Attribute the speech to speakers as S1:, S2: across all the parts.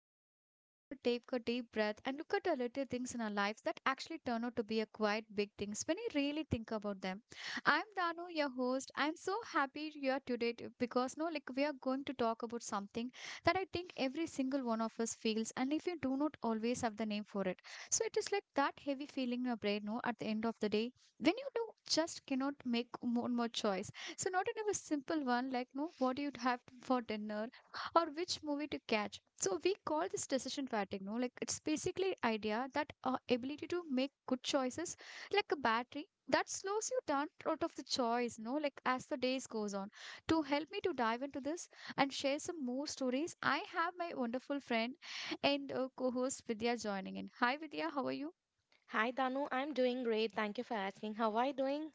S1: show where we're gonna take a deep breath and look at the little things in our lives that actually turn out to be a quite big things when you really think about them. I'm Danu, your host. I'm so happy you are today because no, like we are going to talk about something that I think every single one of us feels, and if you do not always have the name for it, so it is like that heavy feeling in your brain. No, at the end of the day, when you do just cannot make one more choice. So not in a simple one like no, what do you have for dinner or which movie to catch. So we call this decision fatigue, no? Like it's basically idea that our ability to make good choices, like a battery, that slows you down out of the choice, no? Like as the days goes on. To help me to dive into this and share some more stories, I have my wonderful friend and co-host Vidya joining in. Hi Vidya, how are you?
S2: Hi Danu, I'm doing great. Thank you for asking. How are you doing?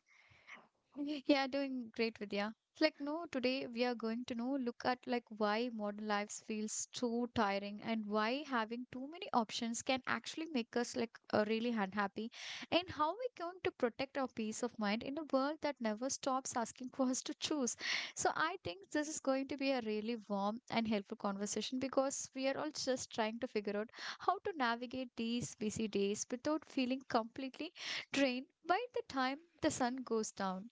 S1: Yeah, doing great, Vidya. It's like, no, today we are going to know, look at like why modern lives feels too tiring and why having too many options can actually make us like really unhappy and how we're going to protect our peace of mind in a world that never stops asking for us to choose. So I think this is going to be a really warm and helpful conversation because we are all just trying to figure out how to navigate these busy days without feeling completely drain by the time the sun goes down.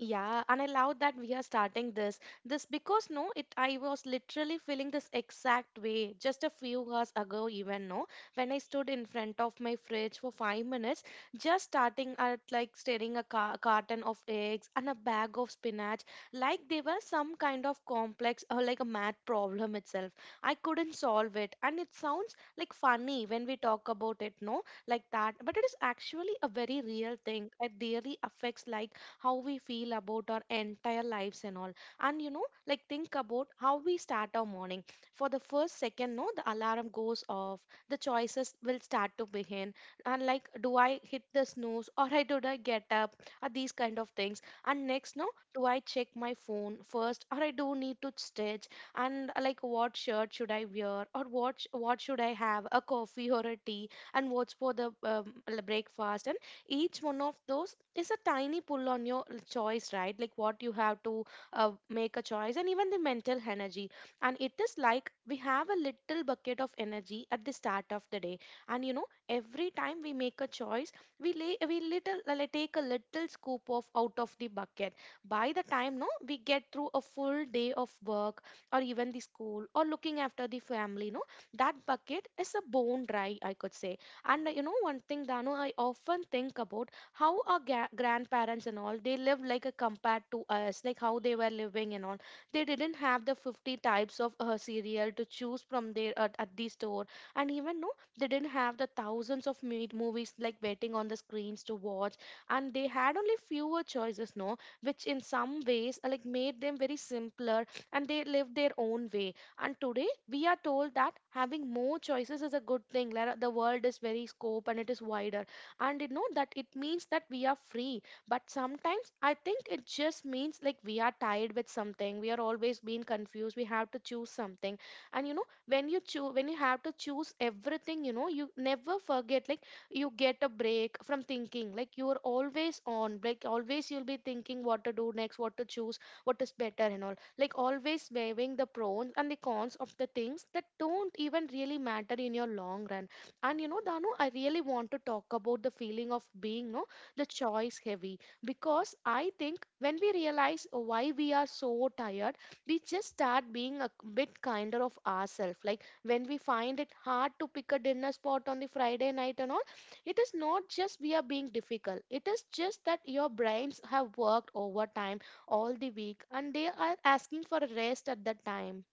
S2: Yeah, and I love that we are starting this because no, it I was literally feeling this exact way just a few hours ago, even no, when I stood in front of my fridge for 5 minutes, just starting at like staring a carton of eggs and a bag of spinach, like they were some kind of complex or like a math problem itself. I couldn't solve it, and it sounds like funny when we talk about it, no, like that, but it is actually a very real thing. It really affects like how we feel about our entire lives and all. And you know, like, think about how we start our morning. For the first second, no, the alarm goes off, the choices will start to begin. And like, do I hit the snooze or I did I get up? Are these kind of things? And next, no, do I check my phone first or I do need to stitch? And like what shirt should I wear or what should I have, a coffee or a tea, and what's for the breakfast? And each one of those is a tiny pull on your choice, right? Like what you have to make a choice, and even the mental energy. And it is like we have a little bucket of energy at the start of the day, and you know, every time we make a choice, we little like, take a little scoop of out of the bucket. By the time no, we get through a full day of work or even the school or looking after the family, no, that bucket is a bone dry, I could say. And you know, one thing, Dano, I often think about how our grandparents and all, they lived like a compared to us, like how they were living and all. They didn't have the 50 types of cereal to choose from there at the store, and even no, they didn't have the thousands of movies like waiting on the screens to watch, and they had only fewer choices, no, which in some ways like made them very simpler, and they lived their own way. And today we are told that having more choices is a good thing. Like, the world is very scope and it is wider. And you know that it means that we are free. But sometimes I think it just means like we are tied with something. We are always being confused. We have to choose something. And you know, when you have to choose everything, you know, you never forget like you get a break from thinking. Like you are always on. Like always you'll be thinking what to do next, what to choose, what is better and all, like always weighing the pros and the cons of the things that don't even really matter in your long run. And you know, Danu, I really want to talk about the feeling of being, no, the choice heavy, because I think when we realize why we are so tired, we just start being a bit kinder of ourselves. Like when we find it hard to pick a dinner spot on the Friday night and all, it is not just we are being difficult. It is just that your brains have worked overtime all the week and they are asking for a rest at that time.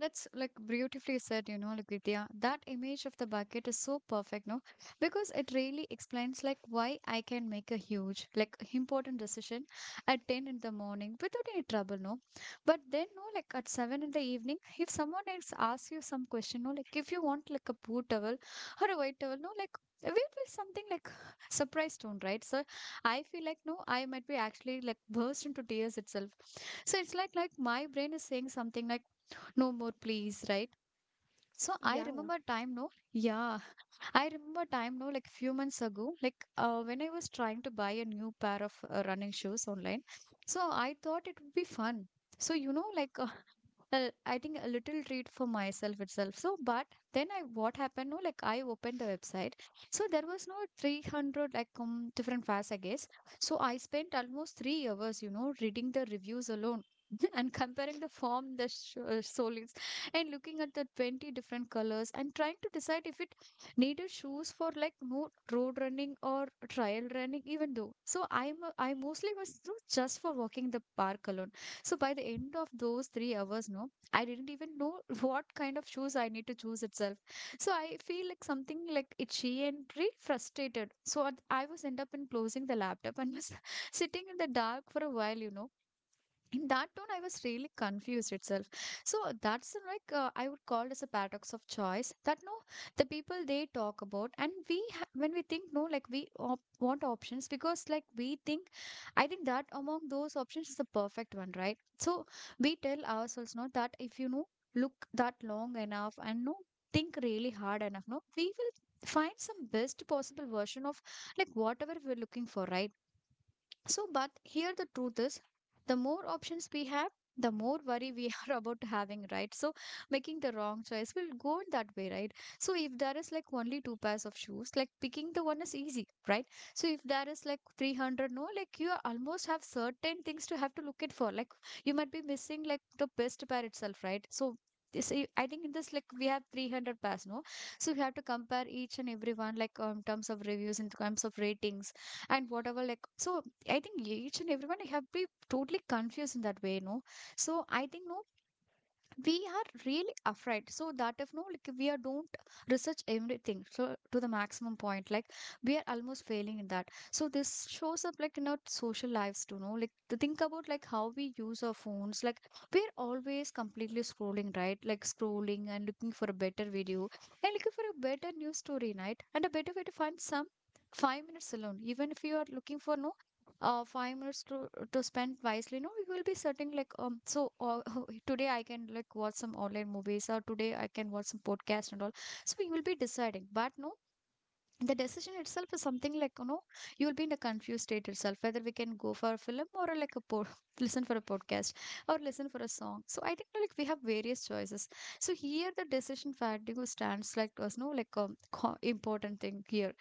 S1: That's like beautifully said, you know, Vidya. That image of the bucket is so perfect, no? Because it really explains like why I can make a huge, like important decision at 10 in the morning without any trouble, no? But then, no, like at 7 in the evening, if someone else asks you some question, no, like if you want like a blue towel or a white towel, no, like we will something like surprise tone, right? So I feel like no, I might be actually like burst into tears itself. So it's like my brain is saying something like no more, please, right? So I
S2: Yeah.
S1: remember time, no? Yeah, I remember time now, like few months ago, like when I was trying to buy a new pair of running shoes online. So I thought it would be fun. So you know, like I think a little treat for myself itself. So, but then I what happened? No, like I opened the website. So there was no 300 like different fares, I guess. So I spent almost 3 hours, you know, reading the reviews alone. And comparing the solings and looking at the 20 different colors and trying to decide if it needed shoes for like no road running or trial running, even though so I mostly was through just for walking the park alone. So by the end of those 3 hours, no, I didn't even know what kind of shoes I need to choose itself. So I feel like something like itchy and really frustrated, so I was end up in closing the laptop and was sitting in the dark for a while, you know, in that tone I was really confused itself. So that's I would call as a paradox of choice that no, the people they talk about. And when we think, no, like want options because like we think I think that among those options is the perfect one, right? So we tell ourselves, no, that if you know, look that long enough and no, think really hard enough, no, we will find some best possible version of like whatever we're looking for, right? So, but here the truth is the more options we have, the more worry we are about having, right? So, making the wrong choice will go that way, right? So, if there is like only two pairs of shoes, like picking the one is easy, right? So, if there is like 300, no, like you almost have certain things to have to look it for. Like, you might be missing like the best pair itself, right? So, this, I think in this, like, we have 300 pairs, no? So, we have to compare each and every one, like, in terms of reviews, in terms of ratings, and whatever like. So I think each and everyone have been totally confused in that way, no. So I think no, we are really afraid. So that if no, like we are don't research everything so to the maximum point, like we are almost failing in that. So this shows up like in our social lives too, no. Like to think about like how we use our phones, like we're always completely scrolling, right? Like scrolling and looking for a better video and looking for a better news story, right? And a better way to find some 5 minutes alone, even if you are looking for no 5 minutes to spend wisely. No, we will be certain like So today I can like watch some online movies, or today I can watch some podcast and all. So we will be deciding. But no, the decision itself is something like, you know, you'll be in a confused state itself whether we can go for a film or a, like a listen for a podcast or listen for a song. So I think like we have various choices. So here the decision fatigue stands like as no like a important thing here.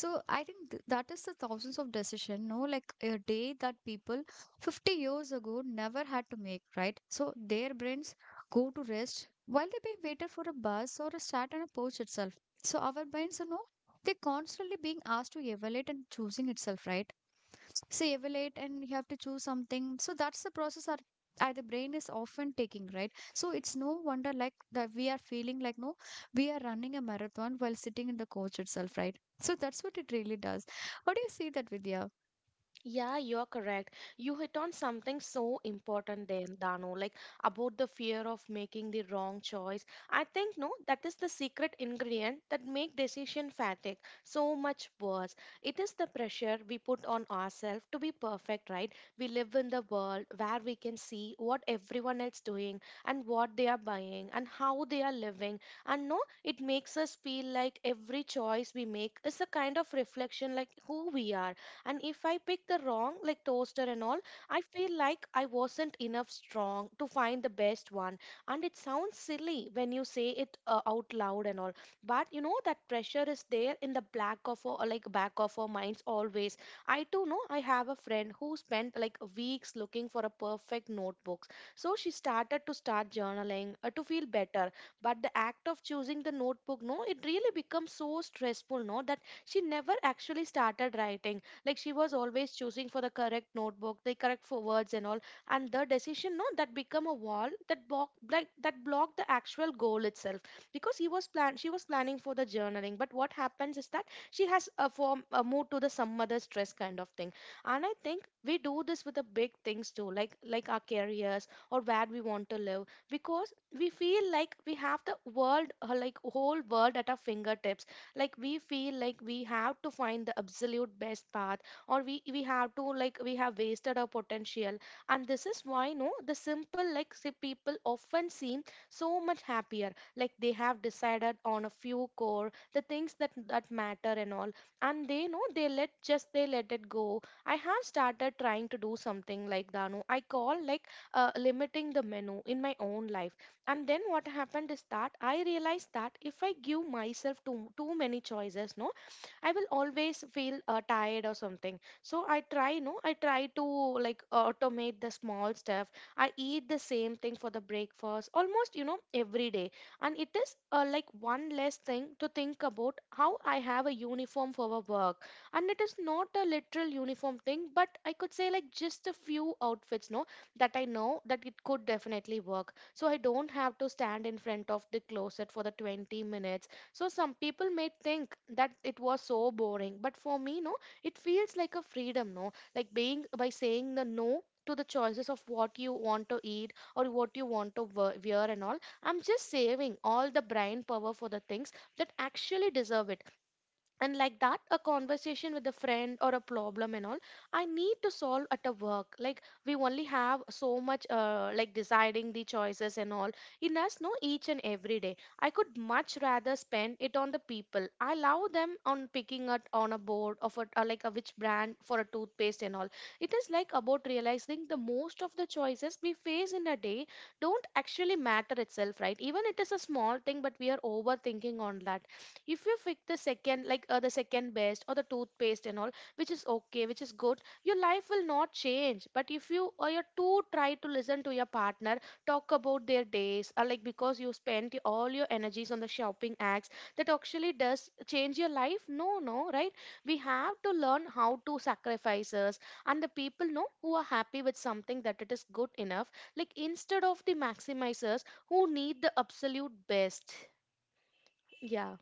S1: So I think that is the thousands of decision, no, like a day that people 50 years ago never had to make, right? So their brains go to rest while they be waited for a bus or a start and a porch itself. So our brains are no, they're constantly being asked to evaluate and choosing itself, right? So evaluate and you have to choose something. So that's the process that the brain is often taking, right? So it's no wonder like that we are feeling like no, we are running a marathon while sitting in the coach itself, right? So that's what it really does. How do you see that, Vidya?
S2: Yeah, you're correct. You hit on something so important then, Dano, like about the fear of making the wrong choice. I think no, that is the secret ingredient that make decision fatigue so much worse. It is the pressure we put on ourselves to be perfect, right? We live in the world where we can see what everyone else doing and what they are buying and how they are living. And no, it makes us feel like every choice we make is a kind of reflection like who we are. And if I pick the wrong like toaster and all, I feel like I wasn't enough strong to find the best one. And it sounds silly when you say it out loud and all, but you know that pressure is there in the black of our like back of our minds always. I too know, I have a friend who spent like weeks looking for a perfect notebook, so she started to start journaling to feel better. But the act of choosing the notebook, no, it really becomes so stressful, no, that she never actually started writing. Like she was always choosing for the correct notebook, the correct for words and all. And the decision, no, that become a wall that block like that blocked the actual goal itself. Because he was plan she was planning for the journaling, but what happens is that she has a form a move to the some other stress kind of thing. And I think we do this with the big things too, like our careers or where we want to live. Because we feel like we have the world, whole world at our fingertips, like we feel like we have to find the absolute best path, or we have to, like, we have wasted our potential. And this is why no, the simple like say people often seem so much happier, like they have decided on a few core the things that matter and all, and they know they let it go. I have started trying to do something like, Danu, I call like limiting the menu in my own life. And then what happened is that I realized that if I give myself too many choices, no, I will always feel tired or something. So I try no I try to like automate the small stuff. I eat the same thing for the breakfast almost, you know, every day, and it is like one less thing to think about. How I have a uniform for a work, and it is not a literal uniform thing, but I could say like just a few outfits, no, that I know that it could definitely work. So I don't have to stand in front of the closet for the 20 minutes. So some people may think that it was so boring, but for me, no, it feels like a freedom, no, like being by saying the no to the choices of what you want to eat or what you want to wear and all. I'm just saving all the brain power for the things that actually deserve it. And like that a conversation with a friend or a problem and all I need to solve at a work. Like we only have so much like deciding the choices and all in us, no, each and every day. I could much rather spend it on the people I love them on picking up on a board of a like a which brand for a toothpaste and all. It is like about realizing the most of the choices we face in a day don't actually matter itself, right? Even it is a small thing, but we are overthinking on that. If you pick the second like the second best or the toothpaste and all, which is okay, which is good, your life will not change. But if you or you too try to listen to your partner talk about their days or like because you spent all your energies on the shopping acts, that actually does change your life, no no, right? We have to learn how to sacrifice us, and the people know who are happy with something that it is good enough, like instead of the maximizers who need the absolute best. Yeah.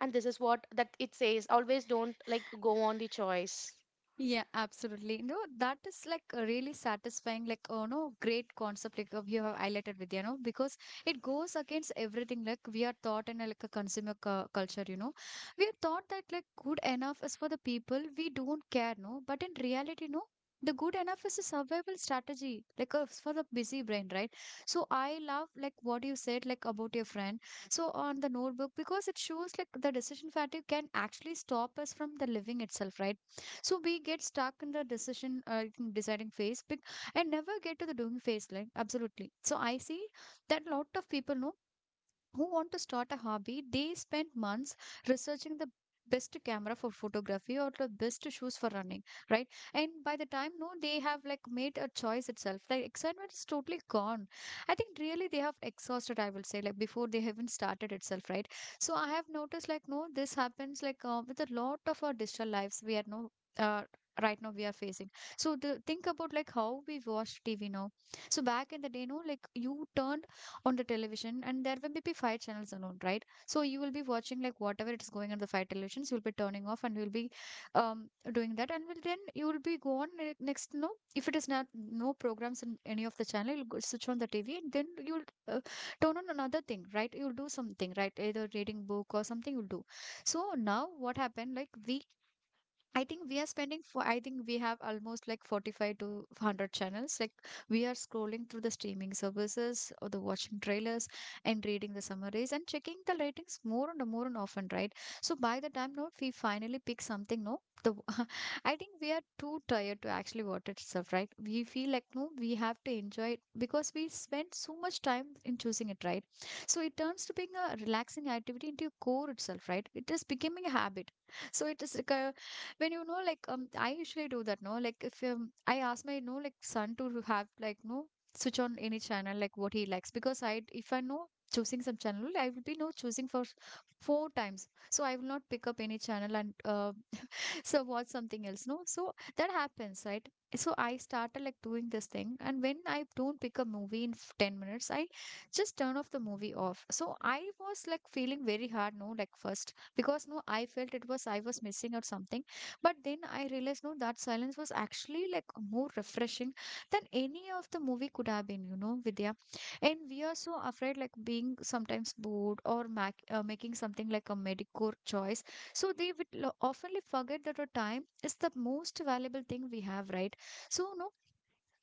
S2: And this is what that it says always don't like go on the choice.
S1: Yeah, absolutely. No, that is like a really satisfying, like, oh no, great concept like you have highlighted with, you know, because it goes against everything. Like we are taught in a, like a consumer culture, you know, we are taught that like good enough is for the people. We don't care, no, but in reality, no. The good enough is a survival strategy, like for the busy brain, right? So I love like what you said, like about your friend. So on the notebook, because it shows like the decision fatigue can actually stop us from the living itself, right? So we get stuck in the decision in deciding phase and never get to the doing phase, like absolutely. So I see that lot of people know who want to start a hobby, they spend months researching the best camera for photography or the best shoes for running, right? And by the time, no, they have like made a choice itself. Like excitement is totally gone. I think really they have exhausted, I will say, like before they haven't started itself, right? So I have noticed like, no, this happens like with a lot of our digital lives. We are no, uh, right now we are facing. So the, think about like how we watch TV now. So back in the day, no, like you turned on the television and there will be five channels alone, right? So you will be watching like whatever it's going on the five televisions, you'll be turning off and you'll be um doing that and will then you will be go on next, no, if it is not no programs in any of the channel, you'll go switch on the TV and then you'll turn on another thing, right? You'll do something, right? Either reading book or something you'll do. So now what happened, like we, I think we are spending for, I think we have almost like 45 to 100 channels. Like we are scrolling through the streaming services or the watching trailers and reading the summaries and checking the ratings more and more and often, right? So by the time, no, we finally pick something, no, the I think we are too tired to actually watch it itself, right? We feel like no, we have to enjoy it because we spend so much time in choosing it, right? So it turns to being a relaxing activity into your core itself, right? It is becoming a habit. So it is like a, when you know, like I usually do that, no, like if I ask my, no, like son to have like no switch on any channel, like what he likes, because I, if I know choosing some channel I will be no choosing for four times, so I will not pick up any channel and so watch something else, no, so that happens, right? So I started like doing this thing, and when I don't pick a movie in 10 minutes, I just turn off the movie off. So I was like feeling very hard, no, like first because no, I felt it was, I was missing out something. But then I realized no that silence was actually like more refreshing than any of the movie could have been, you know, Vidya. And we are so afraid like being sometimes bored or making something like a medicore choice. So they would oftenly forget that our time is the most valuable thing we have, right? So no,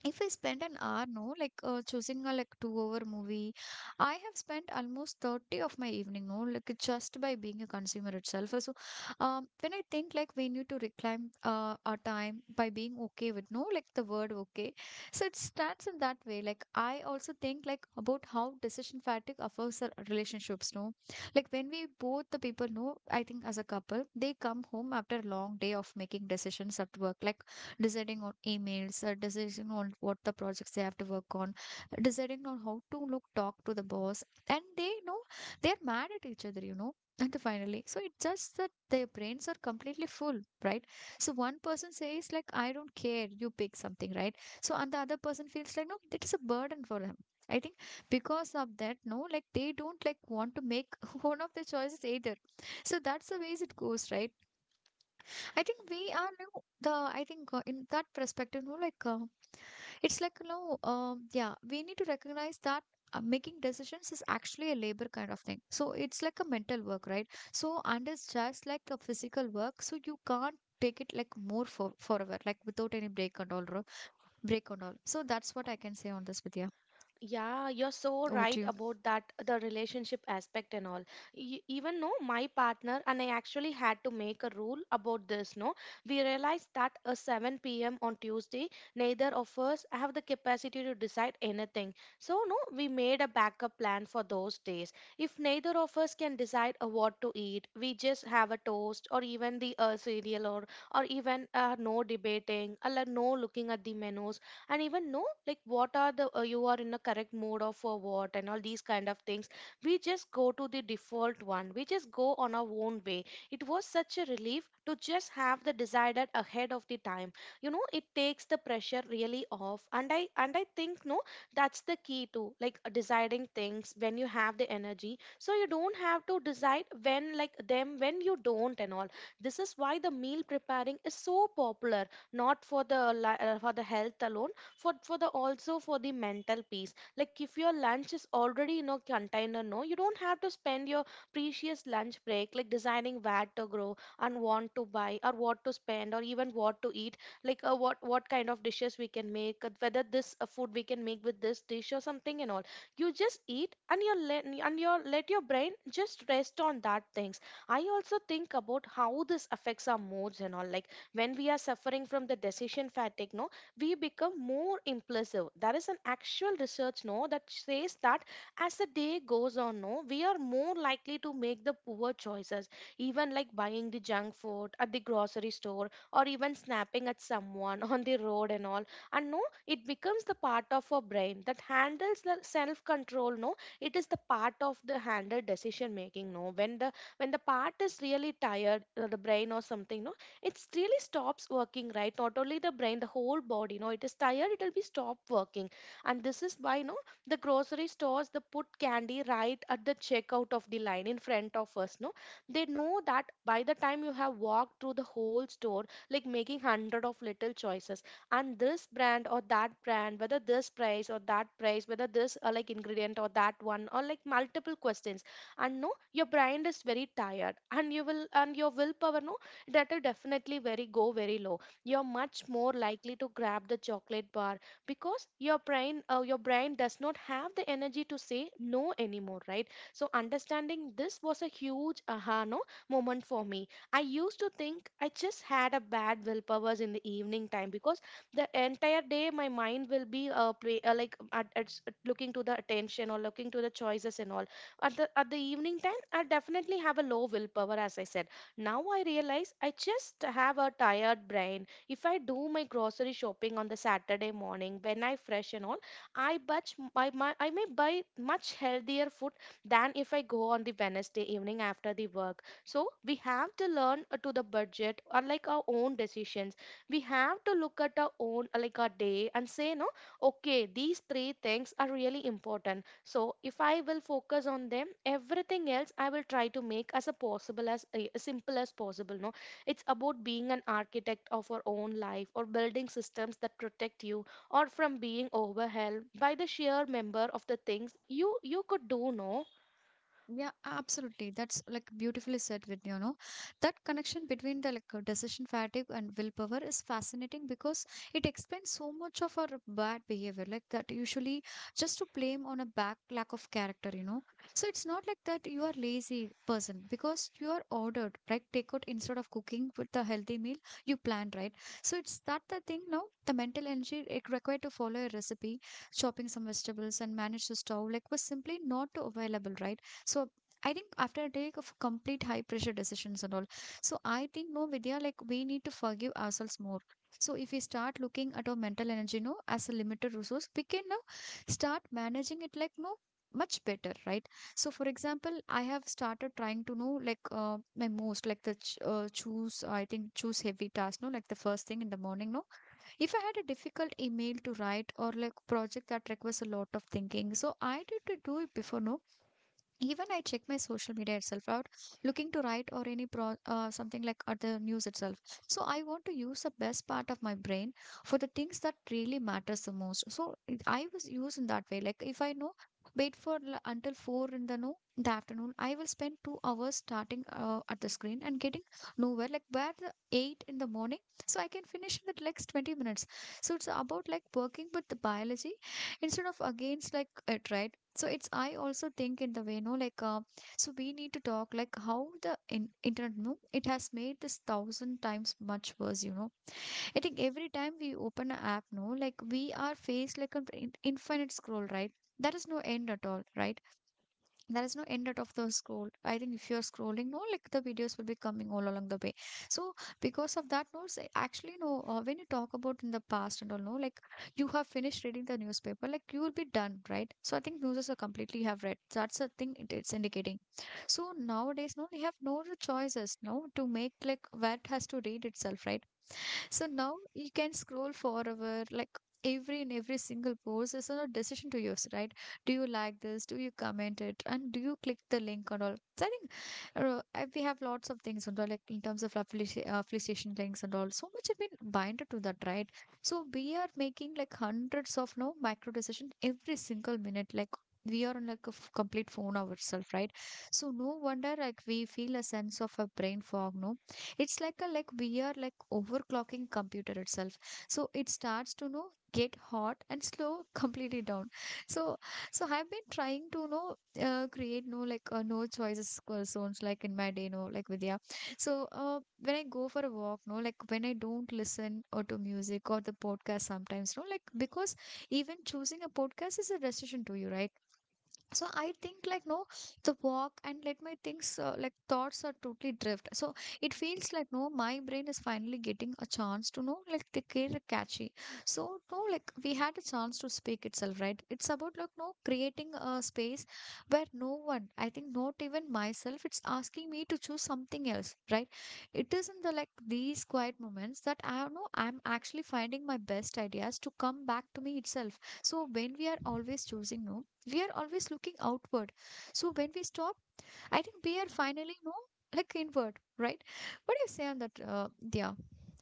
S1: if I spend an hour, no, like choosing a like two-hour movie, I have spent almost 30 of my evening, no, like just by being a consumer itself. So, when I think like we need to reclaim our time by being okay with no, like the word okay. So it starts in that way. Like I also think like about how decision fatigue affects our relationships, no. Like when we both the people know, I think as a couple, they come home after a long day of making decisions at work. Like deciding on emails, deciding on what the projects they have to work on, deciding on how to look, talk to the boss. And they, you know, they're mad at each other, you know. And finally, so it's just that their brains are completely full, right? So one person says, like, I don't care, you pick something, right? So, and the other person feels like, no, that is a burden for him. I think because of that, no, like they don't like want to make one of the choices either. So that's the ways it goes, right? I think we are now the, I think in that perspective, no, like it's like you know, yeah, we need to recognize that making decisions is actually a labor kind of thing. So it's like a mental work, right? So and it's just like a physical work. So you can't take it like more for forever, like without any break and all. So that's what I can say on this, Vidya.
S2: Yeah, you're so
S1: Over to
S2: right
S1: you.
S2: about that, the relationship aspect and all. Even no, my partner and I actually had to make a rule about this. No, we realized that at 7 p.m. on Tuesday, neither of us have the capacity to decide anything. So, no, we made a backup plan for those days. If neither of us can decide what to eat, we just have a toast or even the cereal or even no debating, or no looking at the menus, and even know like what are the you are in a correct mood of for what and all these kind of things. We just go to the default one, we just go on our own way. It was such a relief to just have the decided ahead of the time. It takes the pressure really off, and I think no that's the key to like deciding things when you have the energy, so you don't have to decide when like them when you don't and all. This is why the meal preparing is so popular, not for the for the health alone, for the, also for the mental peace. Like if your lunch is already in a container, no, you don't have to spend your precious lunch break like deciding where to grow and want to buy or what to spend or even what to eat, like what kind of dishes we can make, whether this food we can make with this dish or something and all. You just eat and you let your brain just rest on that things. I also think about how this affects our moods and all, like when we are suffering from the decision fatigue, no, we become more impulsive. There is an actual research no that says that as the day goes on, no, we are more likely to make the poor choices, even like buying the junk food at the grocery store or even snapping at someone on the road and all. And no, it becomes the part of our brain that handles the self-control. No, it is the part of the handle decision making. No, when the part is really tired, the brain or something. No, it really stops working right, not only the brain, the whole body. It is tired, it will be stop working. And this is why the grocery stores, they put candy right at the checkout of the line in front of us, no, they know that by the time you have walked through the whole store, like making hundred of little choices, and this brand or that brand, whether this price or that price, whether this like ingredient or that one, or like multiple questions. And no, your brain is very tired, and you will and your willpower no, that will definitely very go very low. You're much more likely to grab the chocolate bar because your brain does not have the energy to say no anymore, right? So understanding this was a huge aha no moment for me. I used to think I just had a bad willpowers in the evening time because the entire day my mind will be like looking to the attention or looking to the choices and all. At the evening time I'll definitely have a low willpower, as I said. Now I realize I just have a tired brain. If I do my grocery shopping on the Saturday morning when I fresh and all, I butch my, my I may buy much healthier food than if I go on the Wednesday evening after the work. So we have to learn to the budget or like our own decisions. We have to look at our own like our day and say no, okay, these three things are really important. So if I will focus on them, everything else I will try to make as a possible as simple as possible, no. It's about being an architect of our own life, or building systems that protect you, or from being overwhelmed by the sheer number of the things you could do, no.
S1: Yeah, absolutely. That's like beautifully said, with you know, that connection between the like decision fatigue and willpower is fascinating because it explains so much of our bad behavior, like that usually just to blame on a back lack of character, you know. So it's not like that you are lazy person because you are ordered, right? Take out instead of cooking with the healthy meal you planned, right? So it's that the thing now. The mental energy it required to follow a recipe, chopping some vegetables and manage the stove, like was simply not available, right? So I think after a day of complete high pressure decisions and all. So I think no Vidya, like we need to forgive ourselves more. So if we start looking at our mental energy, no, as a limited resource, we can now start managing it like no much better, right? So for example, I have started trying to know like my most like the choose, I think choose heavy task, no, like the first thing in the morning, no. If I had a difficult email to write or like project that requires a lot of thinking, so I did to do it before, no, even I check my social media itself out, looking to write or any pro something like at the news itself. So I want to use the best part of my brain for the things that really matters the most. So I was used in that way, like if I know wait for until 4 in the no the afternoon, I will spend 2 hours starting at the screen and getting nowhere, like where the 8 in the morning, so I can finish in the next 20 minutes. So it's about like working with the biology instead of against like it, right? So it's, I also think in the way no like so we need to talk like how the internet no, it has made this thousand times much worse, you know. I think every time we open an app, no, like we are faced like an infinite scroll, right? There is no end at all, right? There is no end out of the scroll. I think if you're scrolling no, like the videos will be coming all along the way. So because of that, no, actually no when you talk about in the past and all, no, like you have finished reading the newspaper, like you will be done, right? So I think newses are completely have read, that's the thing it's indicating. So nowadays no, we have no other choices no to make, like what has to read itself, right? So now you can scroll forever, like every and every single post is a decision to use, right? Do you like this? Do you comment it? And do you click the link and all? So I think we have lots of things and all, like in terms of affiliation links and all. So much have been binded to that, right? So we are making like hundreds of no micro decision every single minute, like. We are on like a complete phone ourselves, right? So no wonder like we feel a sense of a brain fog, no? It's like a, like we are like overclocking computer itself. So it starts to know get hot and slow completely down. So, so I've been trying to know create no like no choices zones like in my day, no, like Vidya. So when I go for a walk, no, like when I don't listen or to music or the podcast sometimes, no, like because even choosing a podcast is a decision to you, right? So I think like no, the walk and let my things like thoughts are totally drift. So it feels like no, my brain is finally getting a chance to know like the care catchy. So no, like we had a chance to speak itself, right? It's about like no creating a space where no one, I think not even myself, it's asking me to choose something else, right? It is in the like these quiet moments that I know I'm actually finding my best ideas to come back to me itself. So when we are always choosing no, we are always looking outward. So when we stop, I think we are finally, you know, like inward, right? What do you say on that, yeah,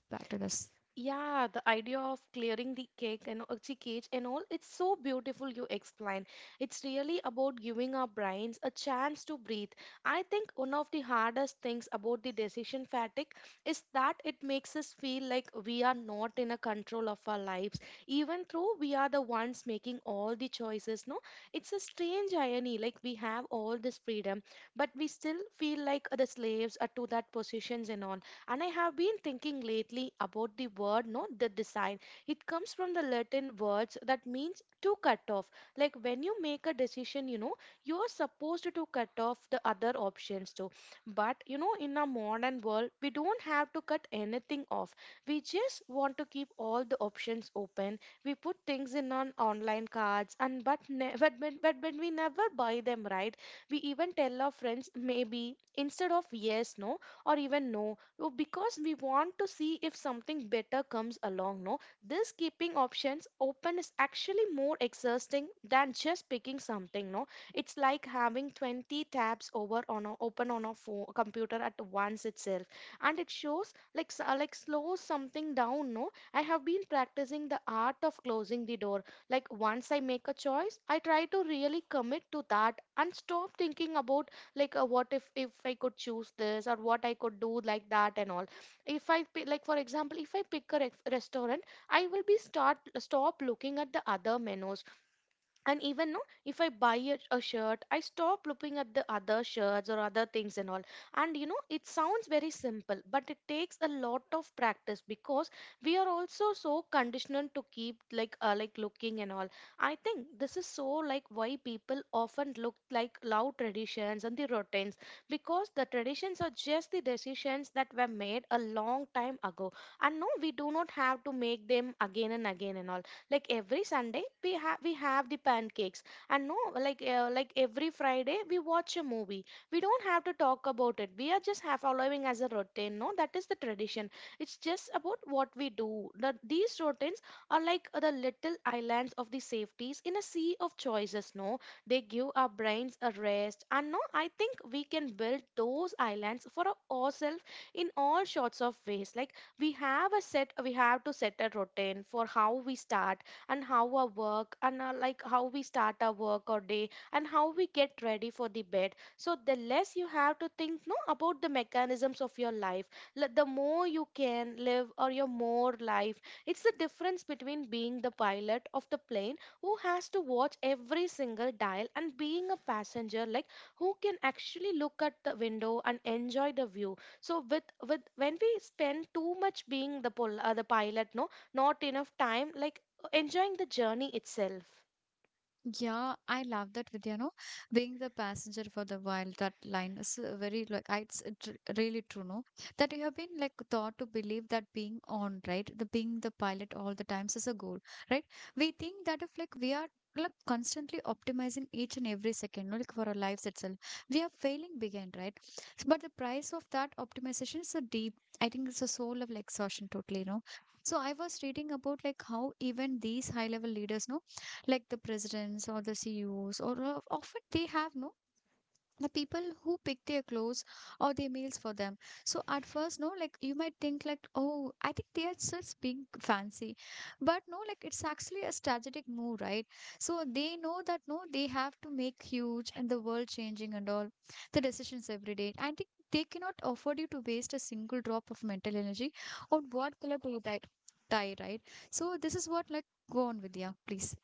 S1: back to this?
S2: Yeah, the idea of clearing the cage and all, it's so beautiful you explain. It's really about giving our brains a chance to breathe. I think one of the hardest things about the decision fatigue is that it makes us feel like we are not in a control of our lives, even though we are the ones making all the choices, no? It's a strange irony, like we have all this freedom, but we still feel like the slaves are to that positions and all. And I have been thinking lately about the word, no, the design. It comes from the Latin words that means to cut off. Like when you make a decision, you are supposed to cut off the other options too. But in a modern world, we don't have to cut anything off. We just want to keep all the options open. We put things in on online cards, and but but we never buy them, right? We even tell our friends maybe instead of yes, no, or even no. Oh, because we want to see if something better comes along, no? This keeping options open is actually more exhausting than just picking something, no? It's like having 20 tabs over open on a phone, computer at once itself. And it shows like like slows something down, no? I have been practicing the art of closing the door. Like once I make a choice, I try to really commit to that and stop thinking about like what if I could choose this or what I could do like that and all. If I like, for example, if I pick a restaurant, I will be start stop looking at the other menus. And even no, if I buy a shirt, I stop looking at the other shirts or other things and all. And it sounds very simple, but it takes a lot of practice because we are also so conditioned to keep like looking and all. I think this is so like why people often look like loud traditions and the routines because the traditions are just the decisions that were made a long time ago, and no, we do not have to make them again and again and all. Like every Sunday we have the pancakes. And no, like like every Friday we watch a movie. We don't have to talk about it, we are just have following as a routine, no, that is the tradition. It's just about what we do. These routines are like the little islands of the safeties in a sea of choices, no. They give our brains a rest, and no, I think we can build those islands for ourselves in all sorts of ways. Like we have to set a routine for how we start, and how our work and our, like how we start our work or day and how we get ready for the bed. So the less you have to think no about the mechanisms of your life, the more you can live or your more life. It's the difference between being the pilot of the plane who has to watch every single dial, and being a passenger like who can actually look at the window and enjoy the view. So with when we spend too much being the the pilot, no, not enough time like enjoying the journey itself.
S1: Yeah, I love that with, you know, being the passenger for the while, that line is very like, it's tr really true, no? That you have been like taught to believe that being on, right? The being the pilot all the times is a goal, right? We think that if like we are like constantly optimizing each and every second, no, like for our lives itself, we are failing behind, right? But the price of that optimization is a deep, I think it's a soul of like exhaustion totally, no? So I was reading about like how even these high level leaders, no? Like the presidents or the CEOs, or often they have no the people who pick their clothes or their meals for them. So at first, no, like you might think like, oh, I think they are just being fancy, but no, like it's actually a strategic move, right? So they know that no, they have to make huge and the world changing and all the decisions every day. I think they cannot afford you to waste a single drop of mental energy on what color to tie, right? So this is what like, go on with, yeah, please.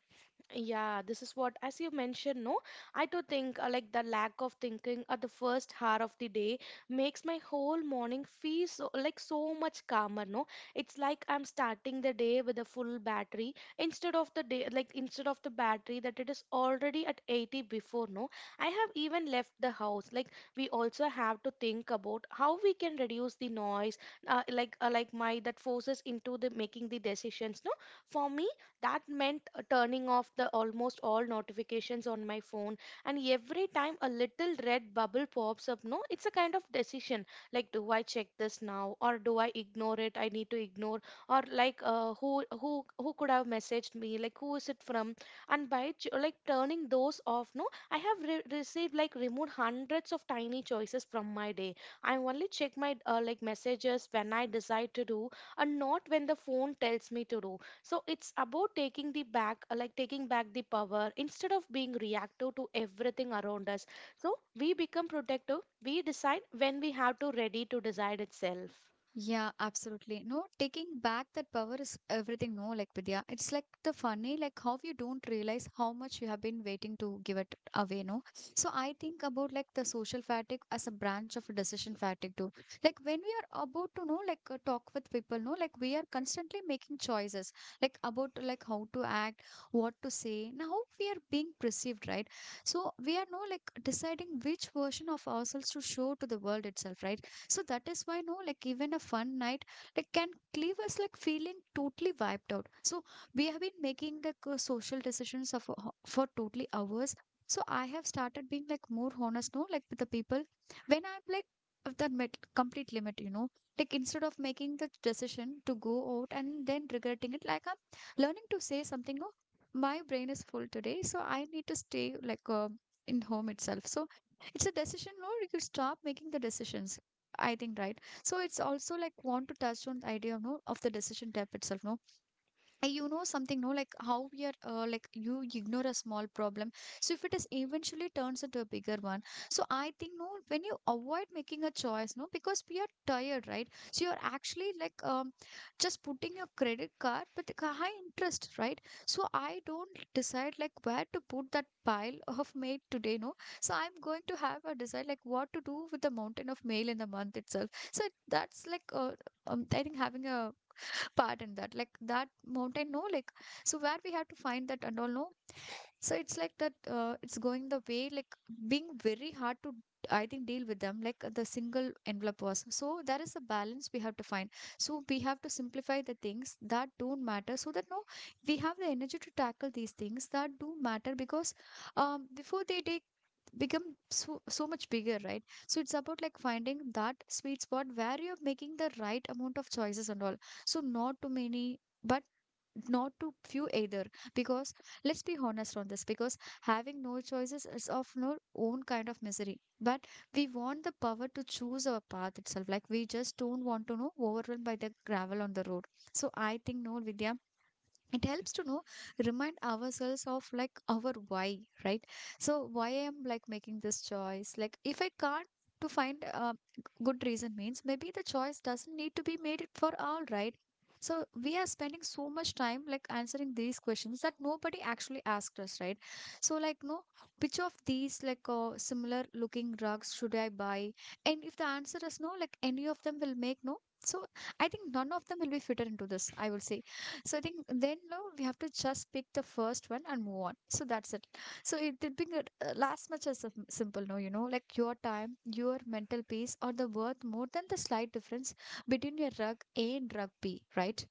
S2: Yeah, this is what, as you mentioned, no, I do think like the lack of thinking at the first hour of the day makes my whole morning feel so like so much calmer. No, it's like I'm starting the day with a full battery instead of the battery that it is already at 80 before. No, I have even left the house. Like we also have to think about how we can reduce the noise, like my that forces into the making the decisions. No, for me that meant turning off the almost all notifications on my phone. And every time a little red bubble pops up, no, it's a kind of decision, like do I check this now or do I ignore it? I need to ignore, or like who could have messaged me? Like who is it from? And by like turning those off, no, I have re- received like removed hundreds of tiny choices from my day. I only check my like messages when I decide to do, and not when the phone tells me to do. So it's about taking the back like taking back the power instead of being reactive to everything around us. So we become protective, we decide when we have to ready to decide itself.
S1: Yeah, absolutely. No, taking back that power is everything. No, like Vidya, it's like the funny, like how you don't realize how much you have been waiting to give it away. No, so I think about like the social fatigue as a branch of decision fatigue too. Like when we are about to know, like talk with people, no, like we are constantly making choices, like about like how to act, what to say, now we are being perceived, right? So we are no like deciding which version of ourselves to show to the world itself, right? So that is why no, like even a fun night like can leave us like feeling totally wiped out. So we have been making like social decisions of, for totally hours. So I have started being like more honest, no, like with the people when I'm like of that complete limit, you know, like instead of making the decision to go out and then regretting it, like I'm learning to say something, no, my brain is full today, so I need to stay like in home itself. So it's a decision, no, you stop making the decisions. I think right. So it's also like want to touch on the idea, of no, of the decision type itself, no you know something no like how we are like you ignore a small problem so if it is eventually turns into a bigger one. So I think no, when you avoid making a choice no because we are tired right, so you're actually like just putting your credit card with a high interest right. So I don't decide like where to put that pile of mail today no, so I'm going to have a decide like what to do with the mountain of mail in the month itself. So that's like I think having a part in that like that mountain no like, so where we have to find that and all no. So it's like that, it's going the way, like being very hard to, I think, deal with them, like the single envelope was. So there is a balance we have to find. So we have to simplify the things that don't matter so that no, we have the energy to tackle these things that do matter because before they take become so much bigger right. So it's about like finding that sweet spot where you're making the right amount of choices and all, so not too many but not to few either, because let's be honest on this, because having no choices is of our own kind of misery but we want the power to choose our path itself, like we just don't want to know overrun by the gravel on the road. So I think no Vidya, it helps to know remind ourselves of like our why, right? So why am like making this choice, like if I can't to find a good reason means maybe the choice doesn't need to be made it for all right. So we are spending so much time like answering these questions that nobody actually asked us right. So like no, which of these like similar looking rugs should I buy, and if the answer is no like any of them will make no, so I think none of them will be fitted into this I will say. So I think then no, we have to just pick the first one and move on. So that's it. So it did being last much as simple no, you know, like your time, your mental peace or the worth more than the slight difference between your rug A and rug B, right?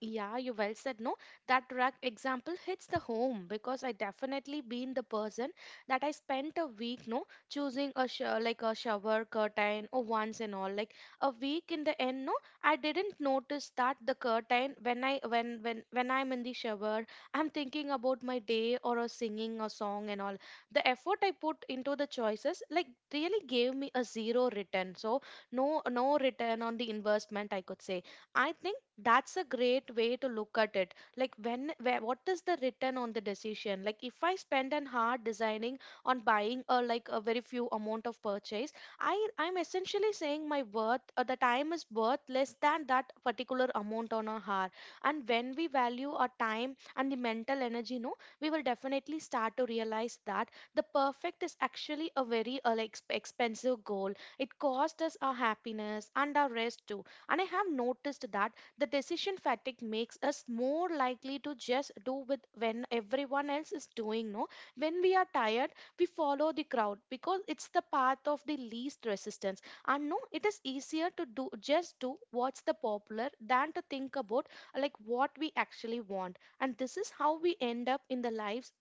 S2: Yeah, you well said. No, that rug example hits the home because I definitely been the person that I spent a week, no, choosing a like a shower curtain or once and all. Like a week in the end, no, I didn't notice that the curtain when I when I'm in the shower, I'm thinking about my day or a singing a song and all. The effort I put into the choices like really gave me a zero return. So no return on the investment, I could say. I think that's a great way to look at it. Like what is the return on the decision? Like if I spend an hard designing on buying or like a very few amount of purchase, I'm essentially saying my worth or the time is worth less than that particular amount on a hour. And when we value our time and the mental energy, no, we will definitely start to realize that the perfect is actually a very like, expensive goal. It costs us our happiness and our rest too, and I have noticed that the decision fatigue makes us more likely to just do with when everyone else is doing. No, when we are tired, we follow the crowd because it's the path of the least resistance. And no, it is easier to do just do what's the popular than to think about like what we actually want. And this is how we end up in the lives,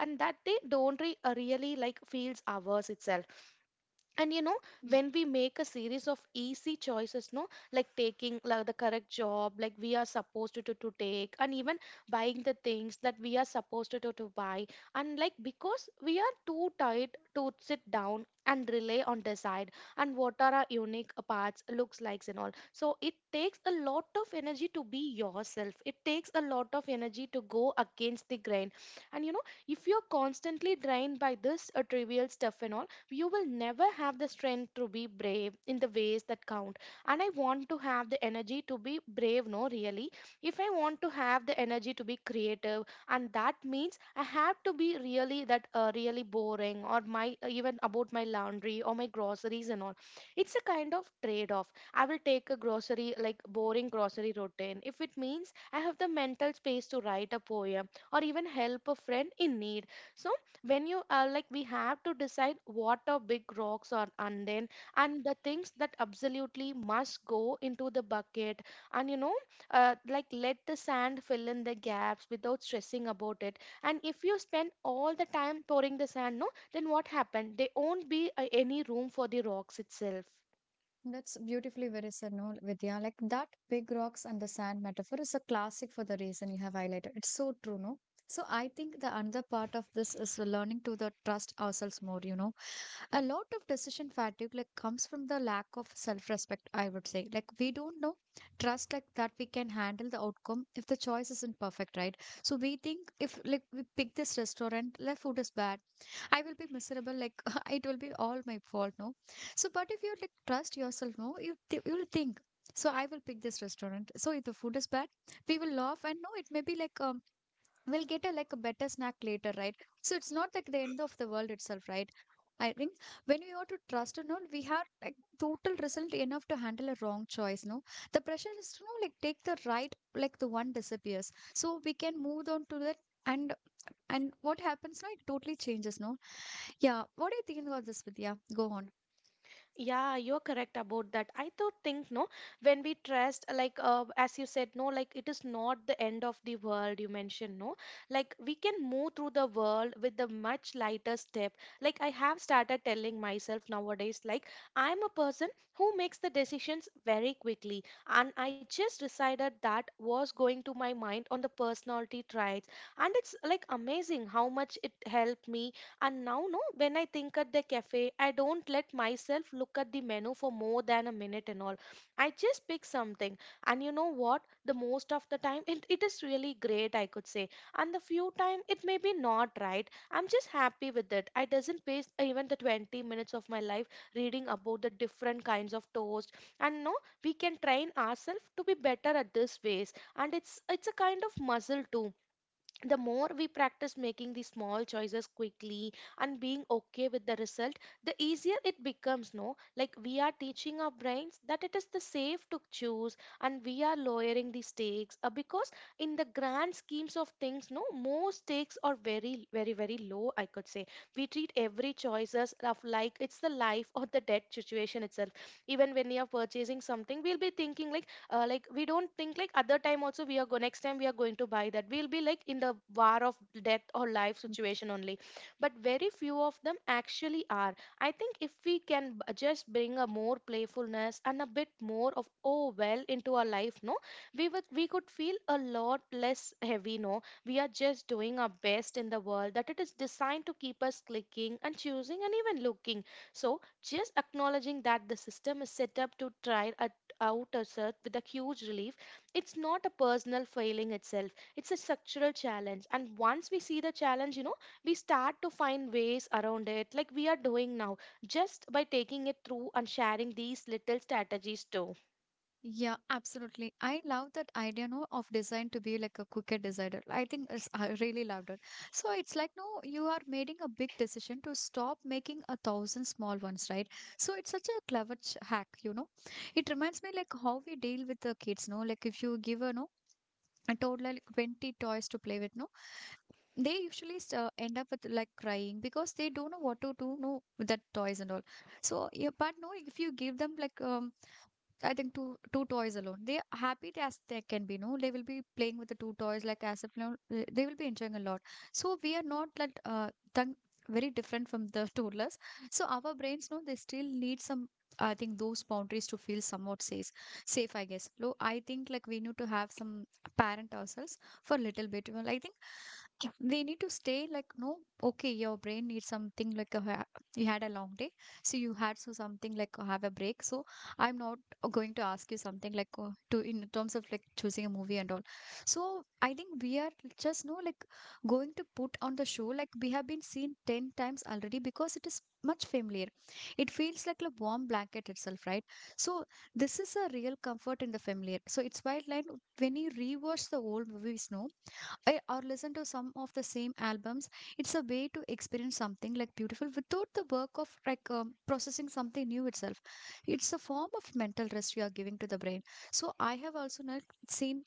S2: and that they don't really like feels ours itself. And you know when we make a series of easy choices, no, like taking like the correct job like we are supposed to take, and even buying the things that we are supposed to buy, and like because we are too tired to sit down and rely on decide and what are our unique parts looks likes and all. So it takes a lot of energy to be yourself, it takes a lot of energy to go against the grain. And you know if you're constantly drained by this trivial stuff and all, you will never have the strength to be brave in the ways that count. And I want to have the energy to be brave, no, really. If I want to have the energy to be creative, and that means I have to be really that really boring or my even about my laundry or my groceries and all. It's a kind of trade off. I will take a grocery like boring grocery routine if it means I have the mental space to write a poem or even help a friend in need. So when you like we have to decide what are big rocks or and then and the things that absolutely must go into the bucket. And you know like let the sand fill in the gaps without stressing about it. And if you spend all the time pouring the sand, no, then what happened there won't be any room for the rocks itself.
S1: That's beautifully very said, no, Vidya. Like that big rocks and the sand metaphor is a classic for the reason you have highlighted. It's so true, no? So I think the another part of this is learning to the trust ourselves more, you know. A lot of decision fatigue like comes from the lack of self-respect I would say, like we don't know trust like that we can handle the outcome if the choice isn't perfect right. So we think if like we pick this restaurant like food is bad, I will be miserable like it will be all my fault no. So but if you like trust yourself no, you you'll think, so I will pick this restaurant so if the food is bad we will laugh and no it may be like we'll get a like a better snack later right. So it's not like the end of the world itself right. I think when we are to trust and all we have like total result enough to handle a wrong choice no, the pressure is to know like take the right like the one disappears so we can move on to that. And and what happens now it totally changes no. Yeah, what are you thinking about this Vidya? Go on.
S2: Yeah, you're correct about that. I do think, no, when we trust, like, as you said, no, like it is not the end of the world. You mentioned, no, like we can move through the world with a much lighter step. Like I have started telling myself nowadays, like I'm a person who makes the decisions very quickly, and I just decided that was going to my mind on the personality traits, and it's like amazing how much it helped me. And now, no, when I think at the cafe, I don't let myself look at the menu for more than a minute and all. I just pick something. And you know what? The most of the time, it is really great, I could say. And the few time, it may be not right. I'm just happy with it. I doesn't waste even the 20 minutes of my life reading about the different kinds of toast. And no, we can train ourselves to be better at this ways. And it's a kind of muscle too. The more we practice making these small choices quickly and being okay with the result, the easier it becomes, no, like we are teaching our brains that it is the safe to choose. And we are lowering the stakes because in the grand schemes of things, no, more stakes are very very very low, I could say. We treat every choices of like it's the life or the death situation itself. Even when we are purchasing something, we'll be thinking like we don't think like other time also we are go next time we are going to buy that we'll be like in the war of death or life situation only. But very few of them actually are. I think if we can just bring a more playfulness and a bit more of oh well into our life, no, we could feel a lot less heavy, no, we are just doing our best in the world that it is designed to keep us clicking and choosing and even looking. So just acknowledging that the system is set up to try out ourselves with a huge relief, it's not a personal failing itself. It's a structural challenge. And once we see the challenge, you know, we start to find ways around it, like we are doing now, just by taking it through and sharing these little strategies too.
S1: Yeah, absolutely. I love that idea, no, of design to be like a quicker designer. I think it's, I really loved it. So it's like, no, you are making a big decision to stop making a thousand small ones, right? So it's such a clever hack, you know. It reminds me like how we deal with the kids, no, like if you give a no a toddler like 20 toys to play with, no, they usually end up with like crying because they don't know what to do no with that toys and all. So yeah, but no if you give them like I think two toys alone. They are happy as they can be. No, they will be playing with the two toys like as if you know, they will be enjoying a lot. So we are not like tongue, very different from the toddlers. So our brains, no, they still need some. I think those boundaries to feel somewhat safe. Safe, I guess. No, I think like we need to have some parent ourselves for a little bit. Well, I think they need to stay like no okay your brain needs something like a, ha- you had a long day so you had so something like have a break. So I'm not going to ask you something like to in terms of like choosing a movie and all. So I think we are just no like going to put on the show like we have been seen 10 times already because it is much familiar, it feels like a warm blanket itself right. So this is a real comfort in the familiar so it's why like when you rewatch the old movies no, eh, or listen to some of the same albums, it's a way to experience something like beautiful without the work of like processing something new itself. It's a form of mental rest you are giving to the brain. So I have also not seen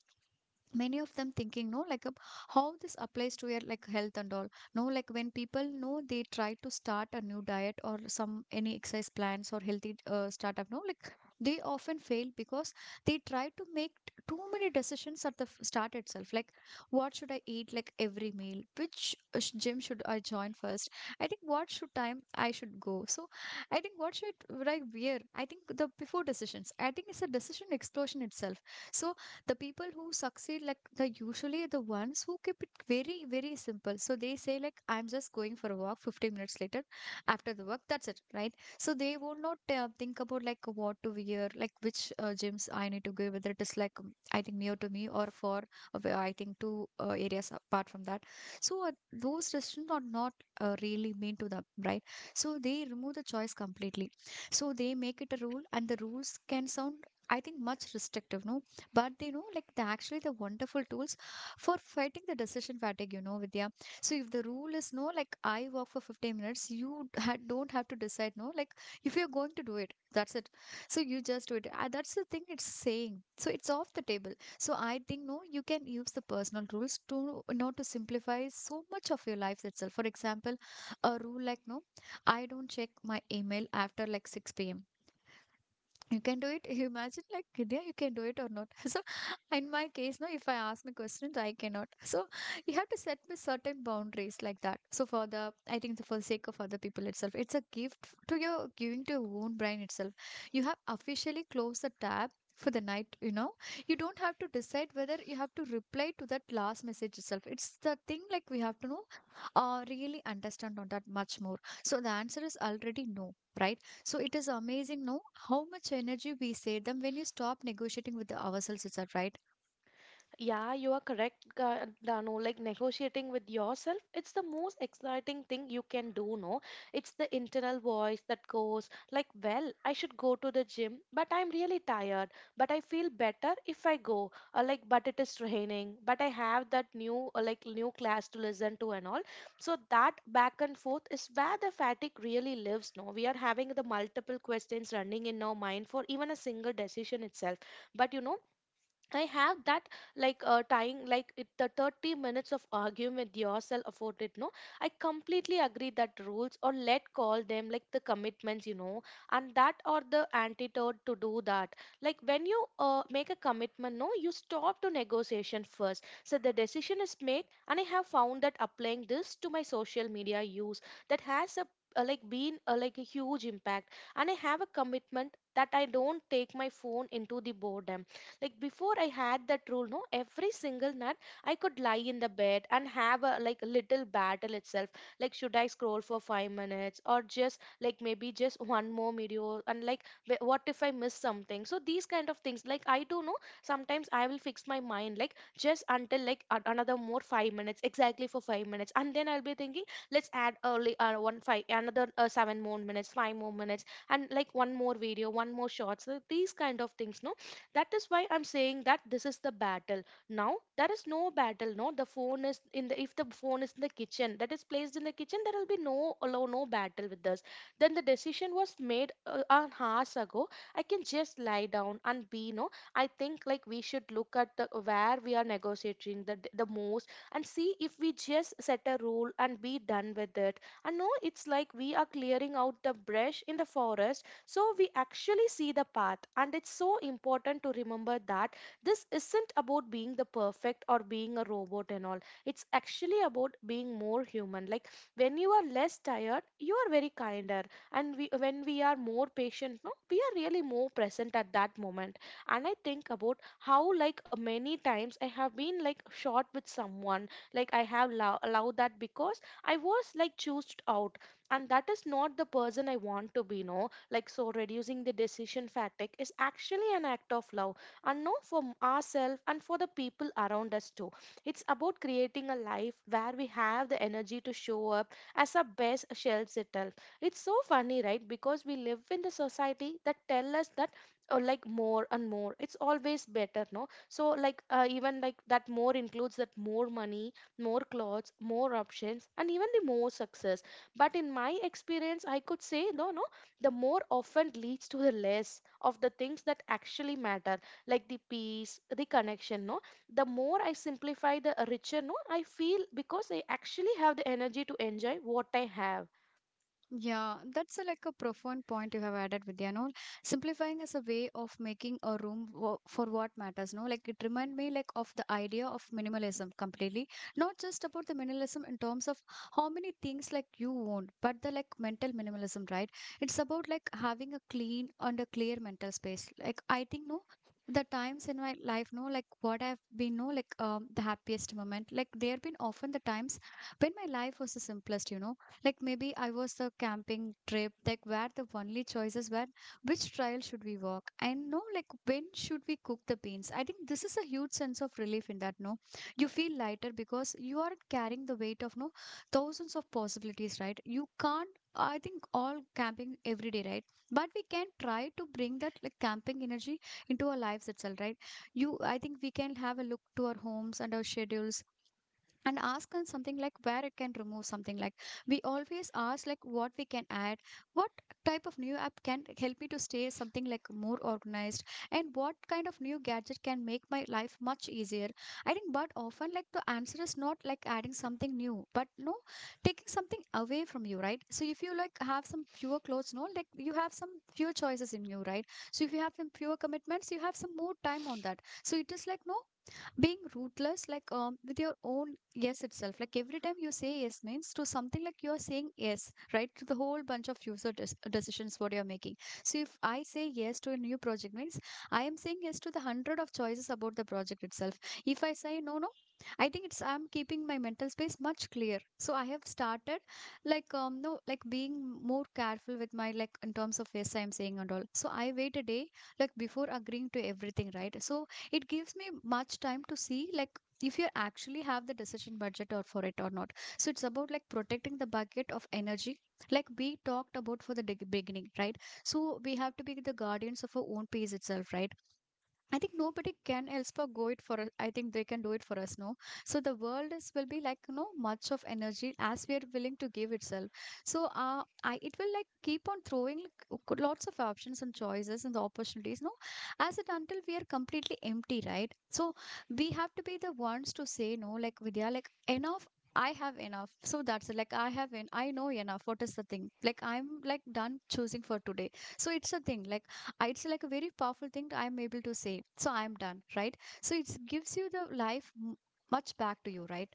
S1: many of them thinking no like how this applies to your like health and all, no like when people know they try to start a new diet or some any exercise plans or healthy startup no like, they often fail because they try to make too many decisions at the start itself like what should I eat like every meal, which gym should I join first, I think what should time I should go, so I think what should would I wear, I think the before decisions, I think it's a decision explosion itself. So the people who succeed like the usually the ones who keep it very very simple, so they say like I'm just going for a walk 15 minutes later after the work that's it right. So they will not think about like what to wear, like which gyms I need to go, whether it is like I think near to me or for where I think two areas apart from that. So those restrictions are not really mean to them right. So they remove the choice completely, so they make it a rule and the rules can sound I think much restrictive no, but you know, like the, actually the wonderful tools for fighting the decision fatigue, you know, Vidya. So if the rule is no, like I walk for 15 minutes, you don't have to decide no. Like if you're going to do it, that's it. So you just do it. That's the thing it's saying. So it's off the table. So I think no, you can use the personal rules to you know to simplify so much of your life itself. For example, a rule like no, I don't check my email after like 6 p.m. You can do it. You imagine like Vidya, you can do it or not so in my case no, if I ask my questions I cannot so you have to set me certain boundaries like that. So for the I think for the sake of other people itself, it's a gift to your giving to your own brain itself. You have officially closed the tab for the night, you know, you don't have to decide whether you have to reply to that last message itself. It's the thing like we have to know, really understand on that much more. So the answer is already no, right? So it is amazing, no, how much energy we save them when you stop negotiating with ourselves, is right?
S2: Yeah, you are correct, Dano. Like negotiating with yourself, it's the most exciting thing you can do, no? It's the internal voice that goes, like, well, I should go to the gym, but I'm really tired, but I feel better if I go, or like, but it is raining, but I have that new, or like, new class to listen to and all. So that back and forth is where the fatigue really lives, no? We are having the multiple questions running in our mind for even a single decision itself. But you know, I have that like tying like it, the 30 minutes of arguing with yourself afforded, no, I completely agree that rules, or let call them like the commitments, you know, and that are the antidote to do that. Like when you make a commitment, no, you stop to negotiation first, so the decision is made. And I have found that applying this to my social media use, that has a like a huge impact. And I have a commitment that I don't take my phone into the boredom. Like before I had that rule, no, every single night I could lie in the bed and have a like little battle itself, like should I scroll for 5 minutes or just like maybe just one more video, and like what if I miss something? So these kind of things like I do know sometimes I will fix my mind like just until like another more 5 minutes, exactly for 5 minutes, and then I'll be thinking let's add early, 1 5 another, 7 more minutes, 5 more minutes, and like one more video, one more shot. So these kind of things, no, that is why I'm saying that this is the battle. Now there is no battle. No, the phone is in the if the phone is in the kitchen that is placed in the kitchen, there will be no allow no battle with this. Then the decision was made an hours ago. I can just lie down and be no. I think like we should look at the where we are negotiating the most and see if we just set a rule and be done with it. And no, it's like we are clearing out the brush in the forest, so we actually see the path. And it's so important to remember that this isn't about being the perfect or being a robot and all. It's actually about being more human. Like when you are less tired, you are very kinder, and we, when we are more patient, no, we are really more present at that moment. And I think about how like many times I have been like short with someone, like I have allowed that because I was like choosed out, and that is not the person I want to be, no, like so reducing the decision fatigue is actually an act of love, and not for ourselves and for the people around us too. It's about creating a life where we have the energy to show up as our best selves itself. It's so funny right because we live in the society that tell us that like more and more it's always better, no, so like even like that more includes that more money, more clothes, more options, and even the more success. But in my experience I could say though, no, the more often leads to the less of the things that actually matter, like the peace, the connection. No, the more I simplify, the richer. No, I feel because I actually have the energy to enjoy what I have.
S1: Yeah, that's a, like a profound point you have added, Vidya. No, simplifying is a way of making a room for what matters. No, like it remind me like of the idea of minimalism completely. Not just about the minimalism in terms of how many things like you own, but the like mental minimalism, right? It's about like having a clean and a clear mental space. Like I think no. The times in my life, no, like what I've been, no, like the happiest moment, like there have been often the times when my life was the simplest, you know, like maybe I was a camping trip, like where the only choices were which trail should we walk and no, like when should we cook the beans. I think this is a huge sense of relief in that. No, you feel lighter because you aren't carrying the weight of no thousands of possibilities, right? You can't. I think all camping every day, right? But we can try to bring that like camping energy into our lives itself, right? You, I think we can have a look to our homes and our schedules and ask them something like where it can remove something, like we always ask like what we can add, what type of new app can help me to stay something like more organized, and what kind of new gadget can make my life much easier. I think but often like the answer is not like adding something new but no, taking something away from you, right? So if you like have some fewer clothes, no, like you have some fewer choices in you, right? So if you have some fewer commitments you have some more time on that. So it is like no, being ruthless like with your own yes itself. Like every time you say yes means to something, like you're saying yes right to the whole bunch of decisions what you're making. So if I say yes to a new project means I am saying yes to the hundred of choices about the project itself. If I say no no, I think it's I'm keeping my mental space much clear. So I have started like no like being more careful with my like in terms of yes I'm saying and all, so I wait a day, like before agreeing to everything, right? So it gives me much time to see like if you actually have the decision budget or for it or not. So it's about like protecting the bucket of energy like we talked about for the beginning, right? So we have to be the guardians of our own pace itself, right? I think nobody can else for go it for us. I think they can do it for us, no? So the world is will be like, you know, much of energy as we are willing to give itself. So I it will like keep on throwing like, lots of options and choices and the opportunities, no? As it until we are completely empty, right? So we have to be the ones to say no, like Vidya, like enough. I have enough. So that's it. Like I have I know enough. What is the thing? Like I'm like done choosing for today. So it's a thing. Like it's like a very powerful thing that I'm able to say so I'm done, right? So it gives you the life much back to you, right?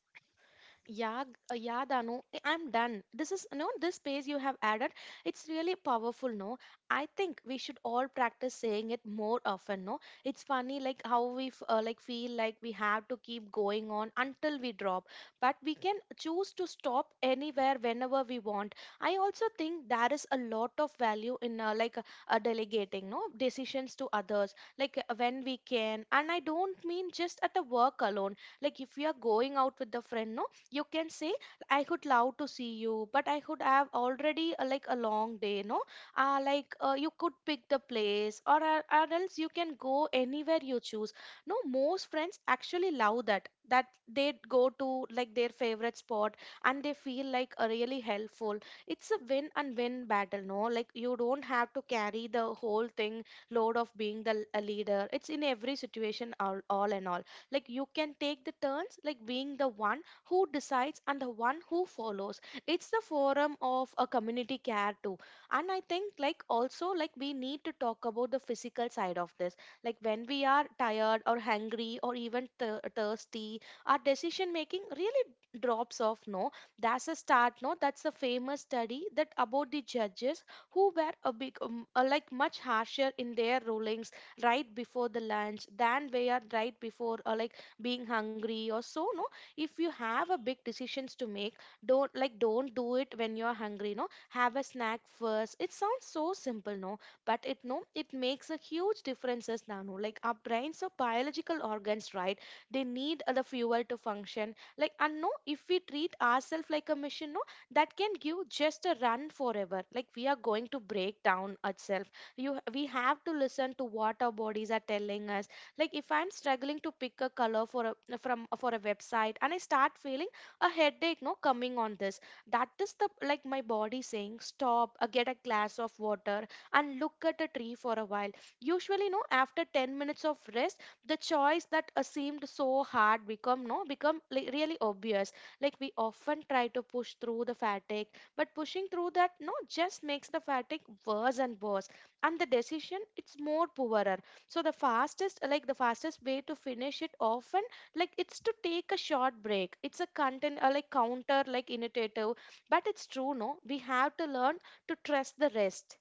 S2: Yeah, yeah, Danu, I'm done. This is, no, this page you have added, it's really powerful, no? I think we should all practice saying it more often, no? It's funny, like how like feel like we have to keep going on until we drop, but we can choose to stop anywhere whenever we want. I also think there is a lot of value in delegating, no? Decisions to others, like when we can, and I don't mean just at the work alone. Like if we are going out with the friend, no? You can say, I could love to see you, but I could have already like a long day, no? You could pick the place, or else you can go anywhere you choose. No, most friends actually love that they go to like their favorite spot and they feel like really helpful. It's a win and win battle, no? Like you don't have to carry the whole thing, load of being the a leader. It's in every situation, all and all. Like you can take the turns, like being the one who decides and the one who follows. It's the forum of a community care too. And I think like also like we need to talk about the physical side of this. Like when we are tired or hungry or even thirsty, our decision making really drops off, no? That's a start, no? That's a famous study that about the judges who were a big like much harsher in their rulings right before the lunch than they are right before like being hungry or so, no? If you have a big decisions to make, don't do it when you're hungry, no? Have a snack first. It sounds so simple, no? But it, no, it makes a huge differences nano. Like our brains are biological organs, right? They need the fuel to function, like. And no, if we treat ourselves like a machine, no, that can give just a run forever, like, we are going to break down ourselves. You, we have to listen to what our bodies are telling us. Like if I'm struggling to pick a color for a from for a website and I start feeling a headache, no, coming on this, that is the like my body saying stop, get a glass of water and look at a tree for a while. Usually, no, after 10 minutes of rest, the choice that seemed so hard become, no, become like really obvious. Like we often try to push through the fatigue, but pushing through that, no, just makes the fatigue worse and worse, and the decision it's more poorer. So the fastest, like the fastest way to finish it often, like, it's to take a short break. It's a content, like counter like innovative, but it's true, no, we have to learn to trust the rest.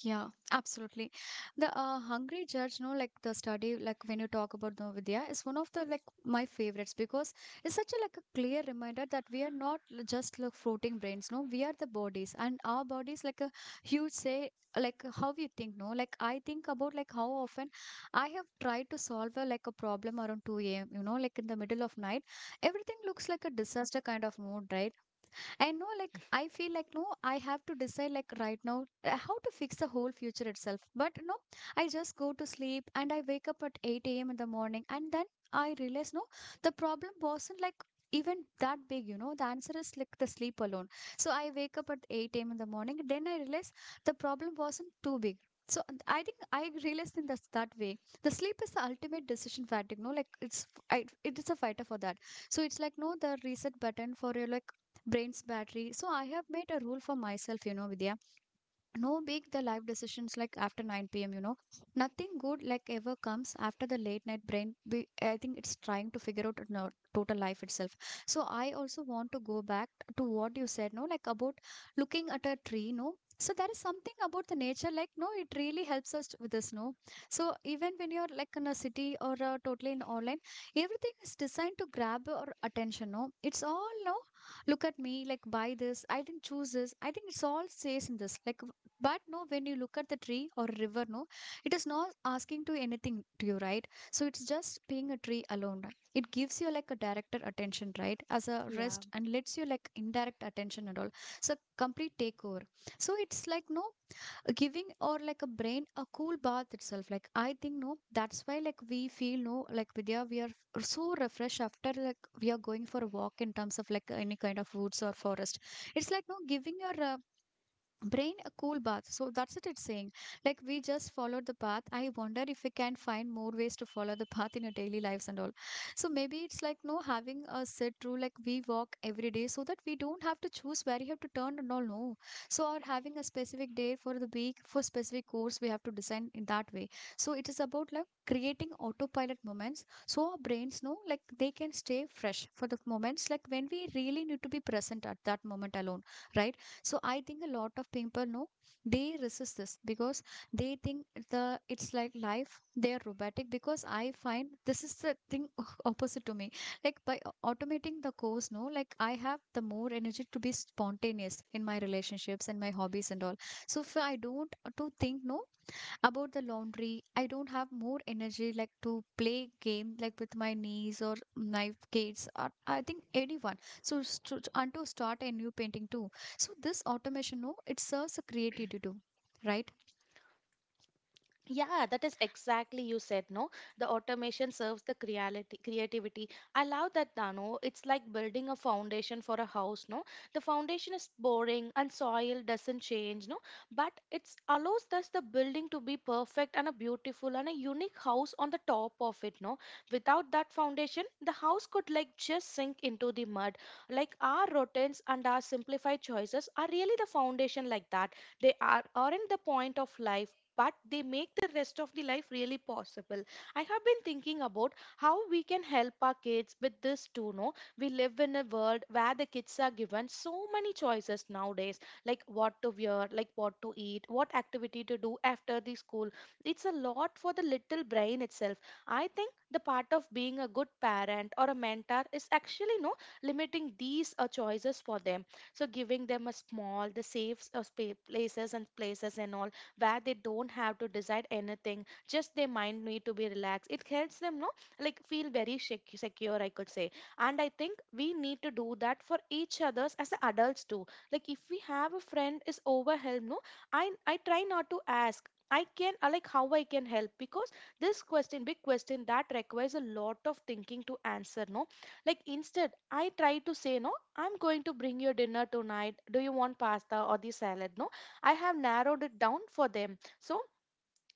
S1: Yeah, absolutely. The Hungry Judge, no, like the study, like when you talk about Novidya, is one of the like my favorites because it's such a like a clear reminder that we are not just like floating brains, no, we are the bodies, and our bodies like a huge say like how we think, no, like I think about like how often I have tried to solve a, like a problem around 2 a.m. You know, like in the middle of night, everything looks like a disaster kind of mood, right? I know, like, I feel like, no, I have to decide, like, right now, how to fix the whole future itself. But, no, I just go to sleep and I wake up at 8 a.m. in the morning. And then I realize, no, the problem wasn't like even that big, you know, the answer is like the sleep alone. So I wake up at 8 a.m. in the morning. Then I realize the problem wasn't too big. So and I think I realized in this, that way. The sleep is the ultimate decision fatigue, no? Like it's I, it is a fighter for that. So it's like no the reset button for your like brain's battery. So I have made a rule for myself, you know, Vidya, no big the life decisions like after 9 p.m., you know, nothing good like ever comes after the late night brain we, I think it's trying to figure out no, total life itself. So I also want to go back to what you said no like about looking at a tree, no. So there is something about the nature like no it really helps us with this, no. So even when you're like in a city or totally in online, everything is designed to grab our attention, no. It's all no, look at me like buy this I didn't choose this I think it's all says in this like, but no when you look at the tree or river, no, it is not asking to anything to you, right? So it's just being a tree alone. It gives you like a directed attention, right, as a
S2: Yeah.
S1: rest and lets you like indirect attention and all. So complete takeover. So it's like no giving or like a brain a cool bath itself, like I think no that's why like we feel no like Vidya we are so refreshed after like we are going for a walk in terms of like any kind of woods or forest. It's like no giving your brain a cool bath. So that's what it's saying. Like we just followed the path. I wonder if we can find more ways to follow the path in our daily lives and all. So maybe it's like no having a set rule like we walk every day so that we don't have to choose where you have to turn and all, no. So or having a specific day for the week for specific course we have to design in that way. So it is about like creating autopilot moments so our brains know like they can stay fresh for the moments like when we really need to be present at that moment alone, right? So I think a lot of people know they resist this because they think the it's like life they are robotic because I find this is the thing opposite to me. Like by automating the course, no, like I have the more energy to be spontaneous in my relationships and my hobbies and all. So if I don't to think no about the laundry, I don't have more energy like to play game like with my niece or my kids or I think anyone. So and to start a new painting too. So this automation, no, it serves a creativity too, right?
S2: Yeah, that is exactly you said, no? The automation serves the creality, creativity. I love that, Dano. It's like building a foundation for a house, no? The foundation is boring and soil doesn't change, no? But it allows thus the building to be perfect and a beautiful and a unique house on the top of it, no? Without that foundation, the house could like just sink into the mud. Like our routines and our simplified choices are really the foundation like that. They are aren't the point of life, but they make the rest of the life really possible. I have been thinking about how we can help our kids with this too. No, we live in a world where the kids are given so many choices nowadays, like what to wear, like what to eat, what activity to do after the school. It's a lot for the little brain itself. I think the part of being a good parent or a mentor is actually, no, limiting these choices for them, so giving them a small the safe places and places and all, where they don't have to decide anything, just their mind need to be relaxed. It helps them, no, like feel very secure, I could say. And I think we need to do that for each others as the adults too. Like if we have a friend is overwhelmed, no, I try not to ask I can like how I can help, because this question, big question, that requires a lot of thinking to answer. No, like instead, I try to say, no, I'm going to bring your dinner tonight. Do you want pasta or the salad? No, I have narrowed it down for them. So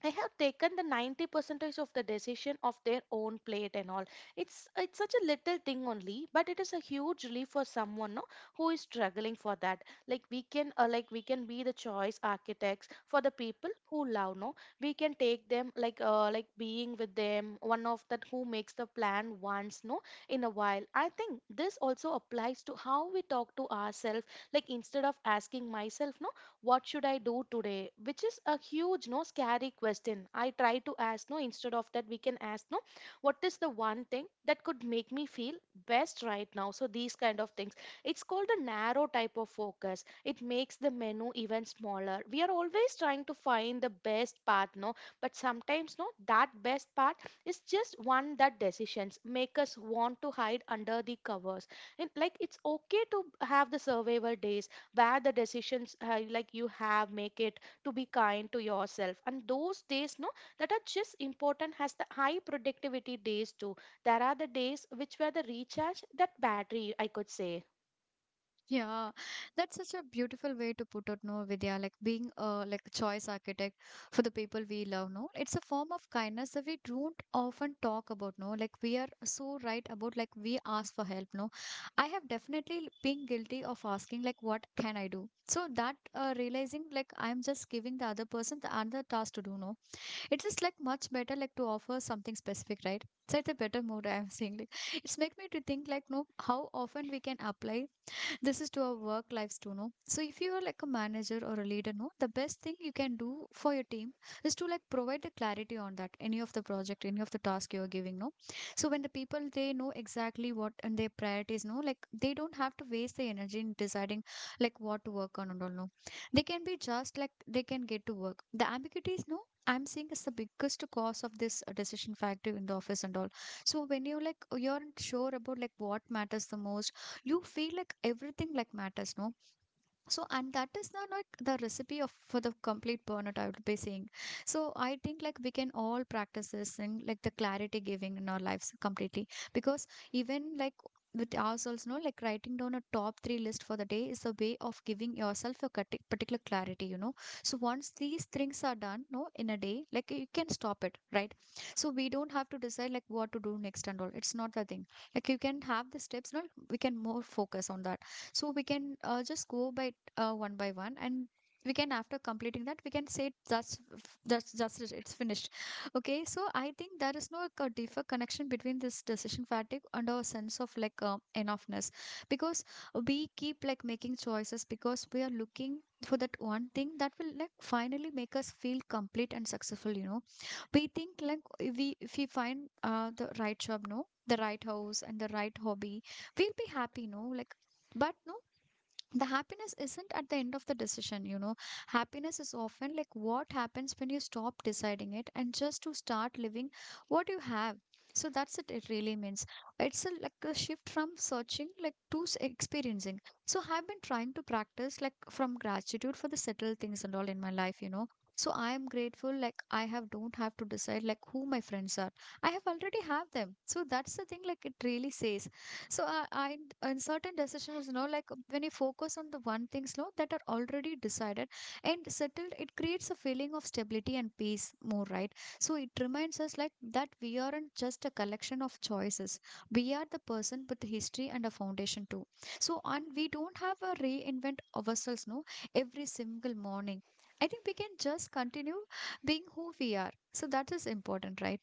S2: I have taken the 90 percentage of the decision of their own plate and all. It's such a little thing only, but it is a huge relief for someone, no, who is struggling for that. Like we can we can be the choice architects for the people who love, no. We can take them like being with them, one of that who makes the plan once, no, in a while. I think this also applies to how we talk to ourselves. Like instead of asking myself, no, what should I do today? Which is a huge, no, scary question. I try to ask, no, instead of that, we can ask, no, what is the one thing that could make me feel best right now? So these kind of things. It's called a narrow type of focus. It makes the menu even smaller. We are always trying to find the best path, no, but sometimes, no, that best path is just one that decisions make us want to hide under the covers. And like it's okay to have the survival days where the decisions, like you have make it, to be kind to yourself. And those days, no, that are just important has the high productivity days too. There are the days which were the recharge that battery, I could say.
S1: Yeah, that's such a beautiful way to put it, no, Vidya. Like being a like a choice architect for the people we love, no. It's a form of kindness that we don't often talk about, no. Like we are so right about like we ask for help, no. I have definitely been guilty of asking like what can I do? So that realizing like I'm just giving the other person the another task to do, no. It's just like much better like to offer something specific, right? So It's a better mood. I'm saying. Like, it's make me to think like no how often we can apply this is to our work lives too, no. So if you are like a manager or a leader, no, the best thing you can do for your team is to like provide the clarity on that any of the project any of the task you're giving, no. So when the people they know exactly what and their priorities, no, like they don't have to waste the energy in deciding like what to work on and all, no. They can be just like they can get to work the ambiguities, no, I'm seeing is the biggest cause of this decision factor in the office and all. So when you like you're not sure about like what matters the most, you feel like everything like matters, no. So and that is not like the recipe of for the complete burnout, I would be saying. So I think like we can all practice this thing like the clarity giving in our lives completely, because even like with ourselves, no, like writing down a top three list for the day is a way of giving yourself a particular clarity, you know. So once these things are done, no, in a day like you can stop it, right? So we don't have to decide like what to do next and all, it's not the thing. Like you can have the steps, no, we can more focus on that. So we can just go by one by one, and we can after completing that we can say that's just it, it's finished. Okay, so I think there is no like, a deeper connection between this decision fatigue and our sense of like enoughness, because we keep like making choices because we are looking for that one thing that will like finally make us feel complete and successful, you know. We think like if we find the right job, no, the right house and the right hobby, we'll be happy, no, like, but no, the happiness isn't at the end of the decision, you know. Happiness is often like what happens when you stop deciding it and just to start living what you have. So that's it, it really means it's a, like a shift from searching like to experiencing. So I've been trying to practice like from gratitude for the settled things and all in my life, you know. So I am grateful like I have don't have to decide like who my friends are, I have already have them, so that's the thing like it really says. So I in certain decisions, you know, like when you focus on the one things, you know, that are already decided and settled, it creates a feeling of stability and peace more, right? So it reminds us like that we aren't just a collection of choices. We are the person with the history and a foundation too. So and we don't have a reinvent ourselves, no, every single morning. I think we can just continue being who we are. So that is important, right?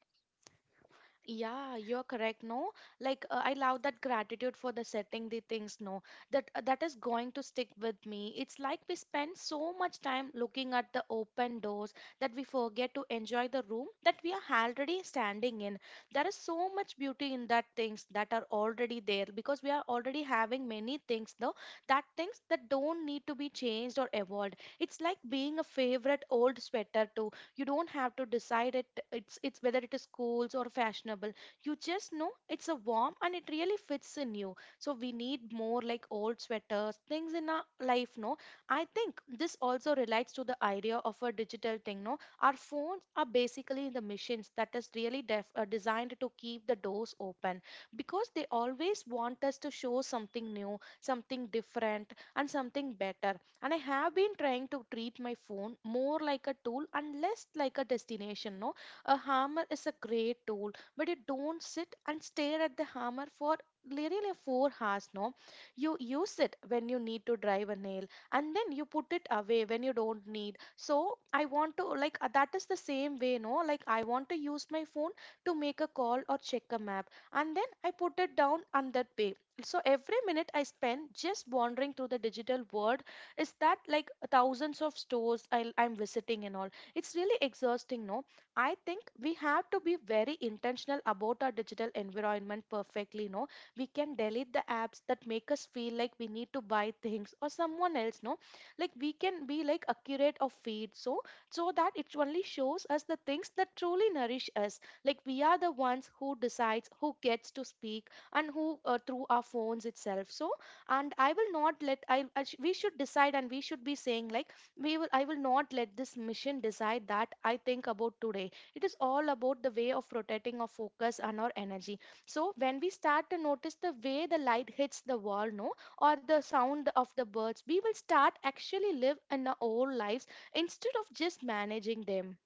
S2: Yeah, you're correct. No, like I love that gratitude for the setting the things. No, that is going to stick with me. It's like we spend so much time looking at the open doors that we forget to enjoy the room that we are already standing in. There is so much beauty in that things that are already there because we are already having many things. No, that things that don't need to be changed or evolved. It's like being a favorite old sweater too. You don't have to decide it, it's whether it is cool or fashionable. You just know it's a warm and it really fits in you. So we need more like old sweaters things in our life, no? I think this also relates to the idea of a digital thing, no? Our phones are basically the machines that is really designed to keep the doors open because they always want us to show something new, something different, and something better. And I have been trying to treat my phone more like a tool and less like a destination, no? A hammer is a great tool, but you don't sit and stare at the hammer for literally 4 hours, no? You use it when you need to drive a nail, and then you put it away when you don't need. So I want to like, that is the same way, no? Like I want to use my phone to make a call or check a map, and then I put it down on that way. So every minute I spend just wandering through the digital world is that like thousands of stores I'm visiting and all. It's really exhausting, no? I think we have to be very intentional about our digital environment perfectly, no? We can delete the apps that make us feel like we need to buy things or someone else, no? Like we can be like accurate of feed, so so that it only shows us the things that truly nourish us. Like we are the ones who decides who gets to speak and who through our phones itself. So and I will not let I we should decide and we should be saying, like, we will, I will not let this mission decide. That I think about today, it is all about the way of rotating our focus and our energy. So when we start to notice the way the light hits the wall, no, or the sound of the birds, we will start actually live in our own lives instead of just managing them.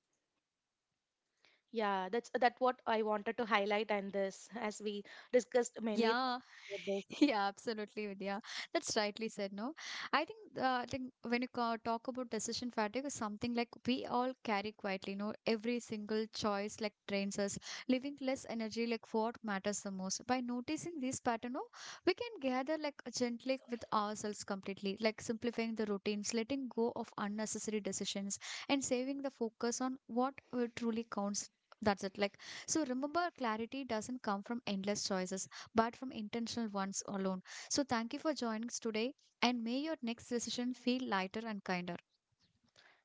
S2: Yeah, that's that what I wanted to highlight and this as we discussed many
S1: Yeah,
S2: things about this.
S1: yeah, absolutely, Vidya. That's rightly said, no? I think when you talk about decision fatigue, is something like we all carry quietly, no? Every single choice like drains us, leaving less energy like for what matters the most. By noticing this pattern, no, we can gather like gently with ourselves completely, like simplifying the routines, letting go of unnecessary decisions, and saving the focus on what truly counts. That's it. Like so remember clarity doesn't come from endless choices but from intentional ones alone. So thank you for joining us today and may your next decision feel lighter and kinder.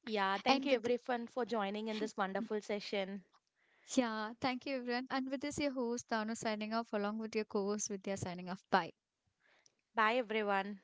S2: Yeah, thank
S1: And
S2: you
S1: with
S2: everyone for joining in this wonderful session.
S1: yeah, thank you everyone. And with this your host Danu signing off along with your co-host Vidya signing off. Bye.
S2: Bye everyone.